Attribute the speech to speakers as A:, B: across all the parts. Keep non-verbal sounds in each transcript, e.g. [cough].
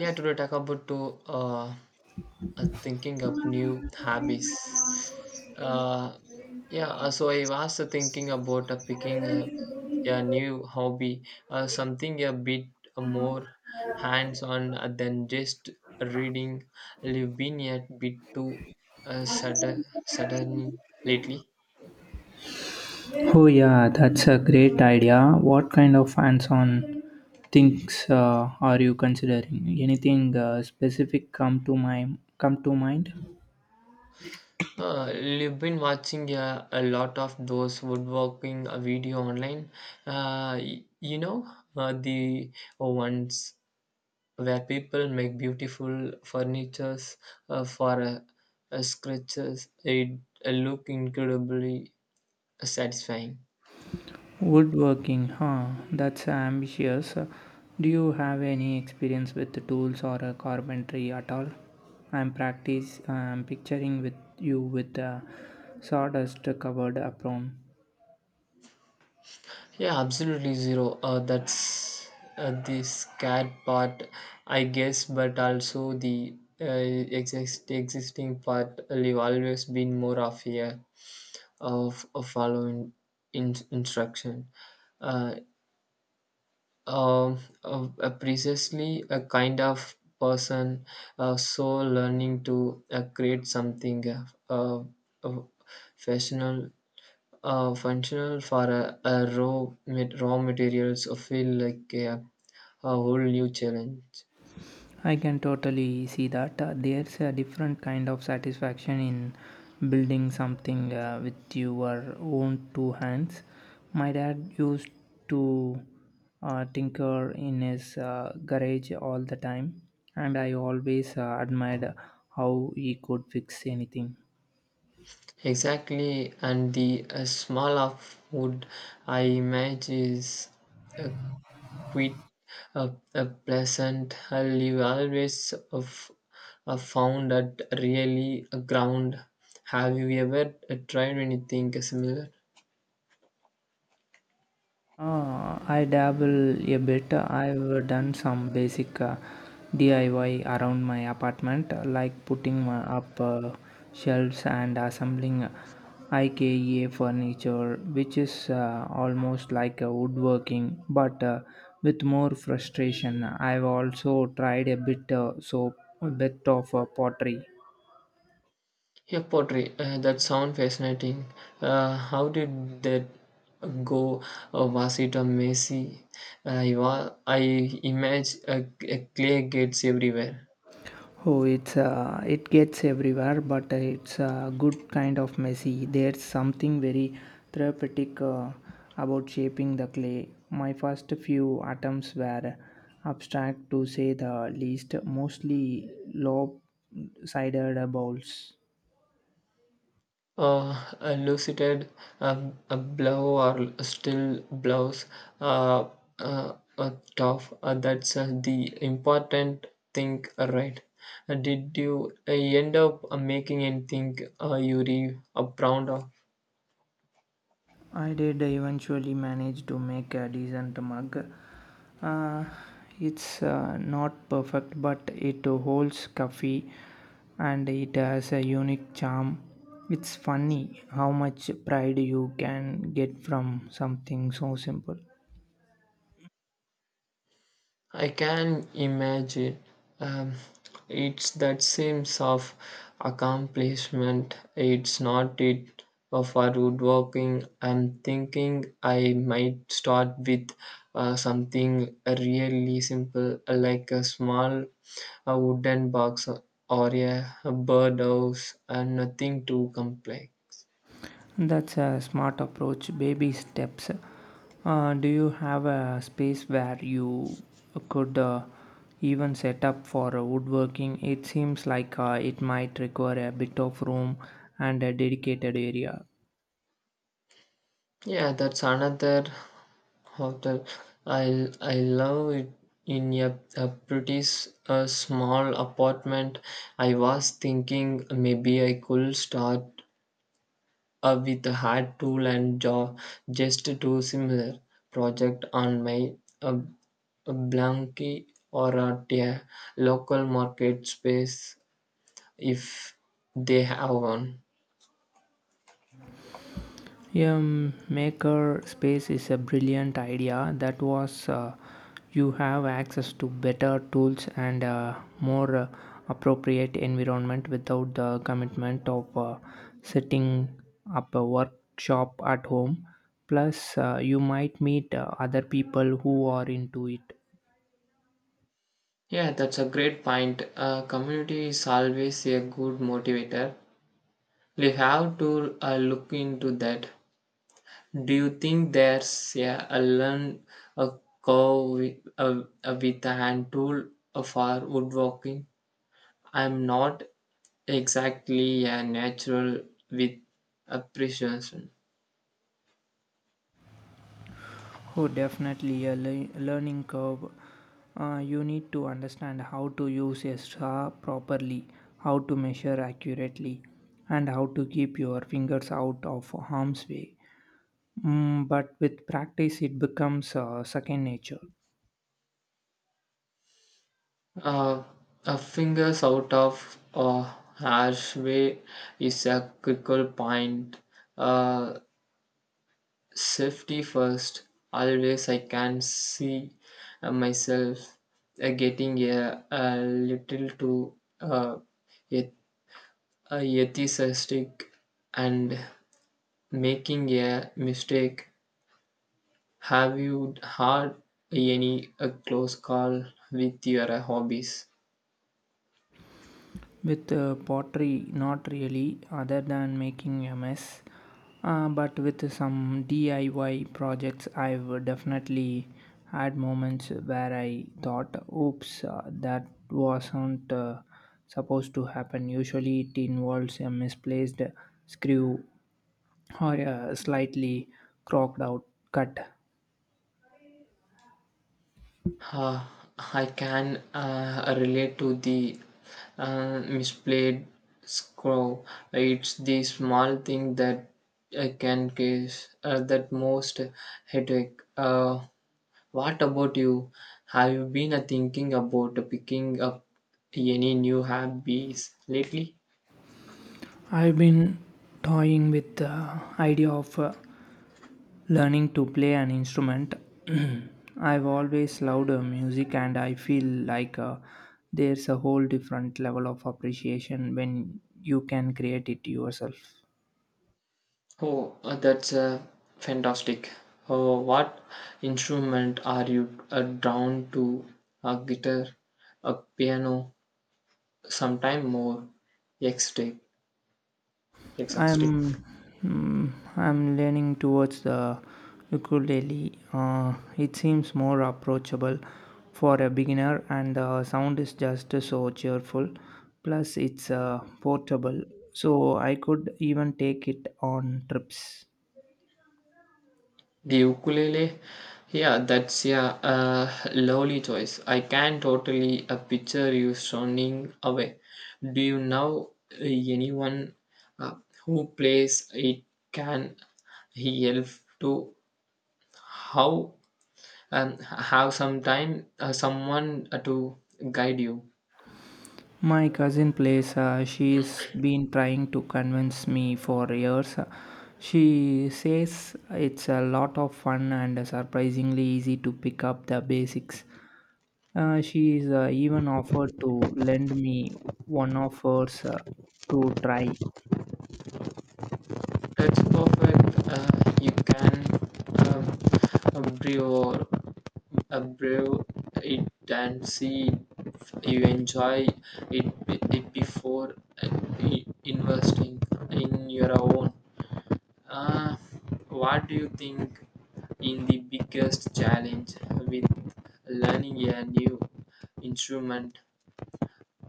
A: Yeah, today talk about to thinking of new hobbies. Uh, yeah, so I was thinking about picking a new hobby, something a bit more hands-on than just reading. I've been a bit too uh, sudden lately.
B: Oh yeah, that's a great idea. What kind of hands-on things are you considering? Anything specific come to mind?
A: You've been watching a lot of those woodworking video online. Uh, y- you know, the ones where people make beautiful furnitures for scratches. It look incredibly satisfying.
B: Woodworking, huh? That's ambitious. Do you have any experience with the tools or carpentry at all? I'm practice. I'm picturing with you with a sawdust covered apron.
A: Yeah, absolutely zero. That's the scared part, I guess, but also the existing part will always been more of here of following instruction. Uh, precisely a kind of person, so learning to create something uh, fashional, functional for a raw, raw materials feel like a whole new challenge.
B: I can totally see that. There's a different kind of satisfaction in building something with your own two hands. My dad used to tinker in his garage all the time, and I always admired how he could fix anything.
A: Exactly, and the smell of wood, I imagine, is uh, quite a pleasant. I've always of, found that really a ground. Have you ever tried anything similar?
B: I dabble a bit. I've done some basic DIY around my apartment, like putting up shelves and assembling IKEA furniture, which is almost like a woodworking, but with more frustration. I've also tried a bit of pottery.
A: Yeah, pottery. That sounds fascinating. How did that go? Was it a messy? I imagine clay gets everywhere.
B: Oh, it gets everywhere, but it's a good kind of messy. There's something very therapeutic about shaping the clay. My first few atoms were abstract to say the least, mostly lopsided balls.
A: Uh, a a blow or still blows uh, tough. That's the important thing, right? Did you end up making anything you re proud of?
B: I did eventually manage to make a decent mug. Uh, it's not perfect, but it holds coffee and it has a unique charm. It's funny how much pride you can get from something so simple.
A: I can imagine um, it's that sense of accomplishment. It's not it for woodworking. I'm thinking I might start with something really simple, like a small a wooden box or a birdhouse, and nothing too complex.
B: That's a smart approach. Baby steps. Do you have a space where you could even set up for woodworking? It seems like it might require a bit of room and a dedicated area.
A: Yeah, that's another hotel. I I love it in a pretty a small apartment. I was thinking maybe I could start with a hard tool and jaw just do similar project on my uh, a blankie or at a local market space if they have one.
B: Yeah, maker space is a brilliant idea. That was you have access to better tools and more appropriate environment without the commitment of setting up a workshop at home. Plus, you might meet other people who are into it.
A: Yeah, that's a great point. Community is always a good motivator. We have to look into that. Do you think there's yeah, a curve with a hand tool for woodworking? I'm not exactly a natural with appreciation.
B: Oh, definitely a learning curve. You need to understand how to use a saw properly, how to measure accurately, and how to keep your fingers out of harm's way. Mm, but with practice, it becomes second nature.
A: Uh, a fingers out of a harsh way is a critical point. Uh, Safety first, always I can see myself getting a little too uh, eth- ethicistic and making a mistake. Have you had any close call with your hobbies?
B: With pottery, not really, other than making a mess. But with some DIY projects, I've definitely had moments where I thought, oops, that wasn't supposed to happen. Usually, it involves a misplaced screw or a slightly crocked out cut.
A: Uh, I can relate to the misplaced scroll. It's the small thing that can cause that most headache. What about you? Have you been thinking about picking up any new hobbies lately?
B: I've been toying with the idea of learning to play an instrument, [clears throat] I've always loved music, and I feel like there's a whole different level of appreciation when you can create it yourself.
A: Oh, that's fantastic. Oh, what instrument are you drawn to? A guitar, a piano, sometime more exotic exotic
B: I'm mm, I'm leaning towards the ukulele. It seems more approachable for a beginner, and the sound is just so cheerful. Plus, it's portable, so I could even take it on trips.
A: the ukulele, yeah, that's yeah lovely choice. I can totally picture you sounding away. Do you know anyone uh, who plays it, can he help to how have some time someone to guide you?
B: My cousin plays, she's been trying to convince me for years. She says it's a lot of fun and surprisingly easy to pick up the basics. She's even offered to lend me one of hers to try,
A: It's perfect. Uh, you can um, uh, brew, brew it and see if you enjoy it, before uh, investing in your own. Uh, what do you think in the biggest challenge with learning a new instrument?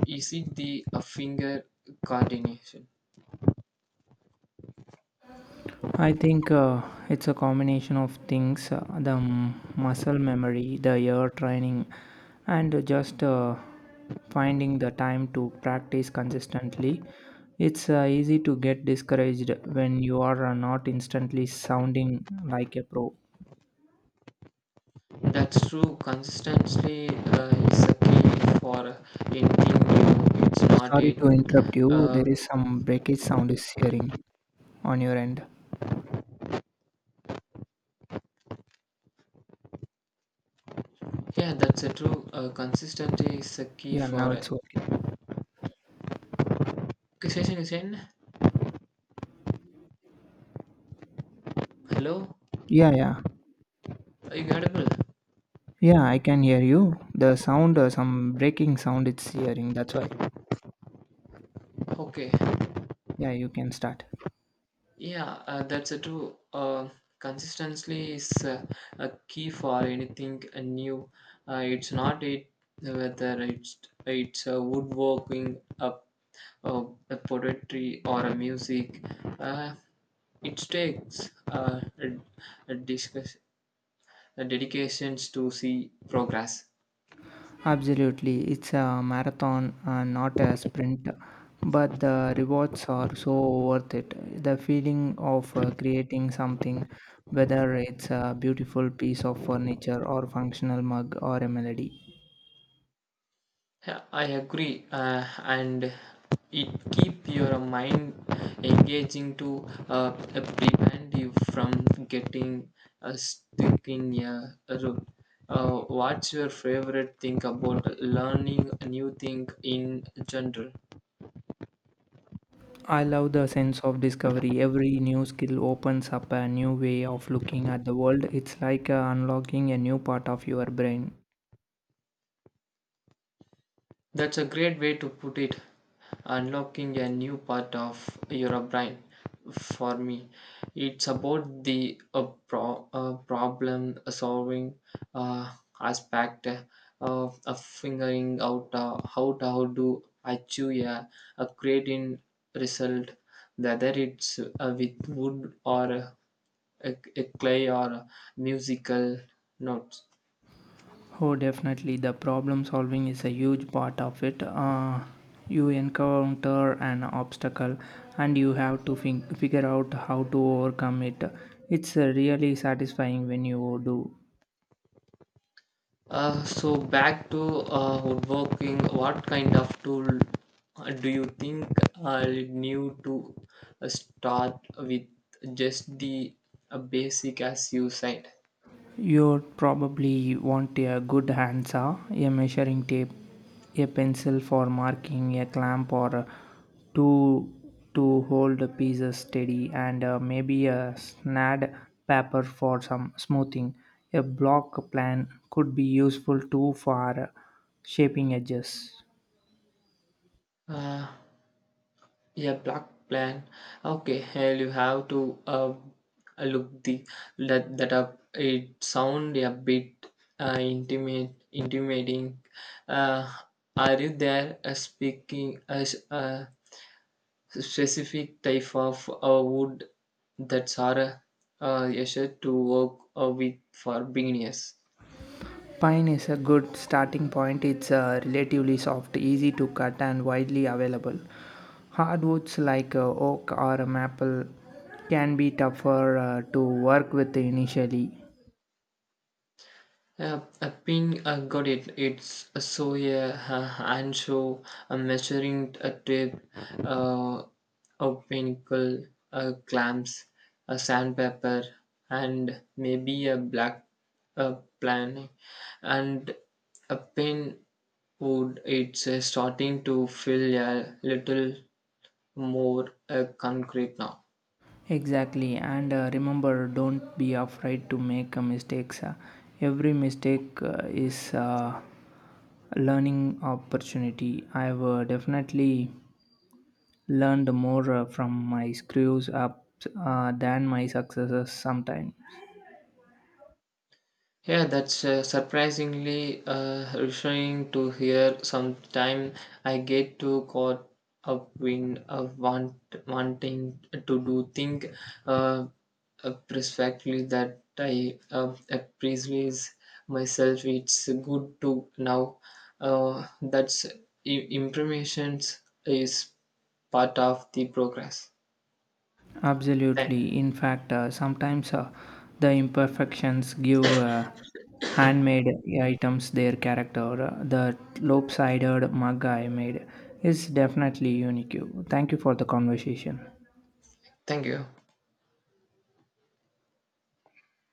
A: Is it the finger coordination?
B: I think it's a combination of things muscle memory, the ear training, and just finding the time to practice consistently. It's easy to get discouraged when you are not instantly sounding like a pro.
A: That's true. Consistency is a key for anything new. It's not
B: Sorry
A: it.
B: to interrupt you,
A: Uh,
B: there is some breakage sound is hearing on your end.
A: yeah, that's a true. Consistency is a key
B: Yeah, now
A: for.
B: it's okay.
A: Session is in. Hello,
B: Yeah, yeah.
A: are you audible?
B: Yeah, I can hear you. The sound, some breaking sound it's hearing, that's why.
A: Okay.
B: Yeah, you can start.
A: Yeah, that's a true. Consistency is a key for anything new. It's not it, whether it's woodworking, oh, a poetry or a music. Uh, it takes a, discuss, a dedications to see progress.
B: Absolutely. It's a marathon, not a sprint. But the rewards are so worth it. The feeling of creating something, whether it's a beautiful piece of furniture or functional mug or a melody.
A: Yeah, I agree, and it keep your mind engaging to prevent you from getting stuck in a route. What's your favorite thing about learning a new thing in general?
B: I love the sense of discovery. Every new skill opens up a new way of looking at the world. It's like unlocking a new part of your brain.
A: That's a great way to put it. Unlocking a new part of your brain. For me, it's about the problem solving uh, aspect of figuring out how to achieve a creating result, whether it's with wood or a clay or musical notes.
B: Oh, definitely. The problem solving is a huge part of it. You encounter an obstacle and you have to figure out how to overcome it. It's really satisfying when you do.
A: So back to woodworking, what kind of tool do you think I'll need to start with just the basic as you said?
B: You'd probably want a good handsaw, a measuring tape, a pencil for marking, a clamp or a tool to hold the pieces steady, and maybe a snad paper for some smoothing. A block plan could be useful too for shaping edges.
A: Uh, yeah, block plan. Okay, hell, you have to look the that up. It sound a bit intimidating. Uh, are you there? Speaking as specific type of wood that's are essential to work with for beginners.
B: Pine is a good starting point. It's relatively soft, easy to cut, and widely available. Hardwoods like oak or a maple can be tougher to work with initially.
A: A pin, got it. It's a so yeah, ancho, a measuring a tape, uh, a pinnacle, a clamps, a sandpaper, and maybe a black uh, plan. And a pin wood. It's starting to feel a little more concrete now.
B: Exactly, and remember don't be afraid to make mistakes. Every mistake is a learning opportunity. I've definitely learned more from my screws up than my successes sometimes.
A: Yeah, that's surprisingly reassuring to hear. Sometime I get too caught up in wanting to do things uh, perfectly that I appreciate myself. It's good to know uh, that's i- information is part of the progress. Thank,
B: Absolutely. In fact, sometimes the imperfections give handmade items their character. The lopsided mug I made is definitely unique. Thank you for the conversation.
A: thank you.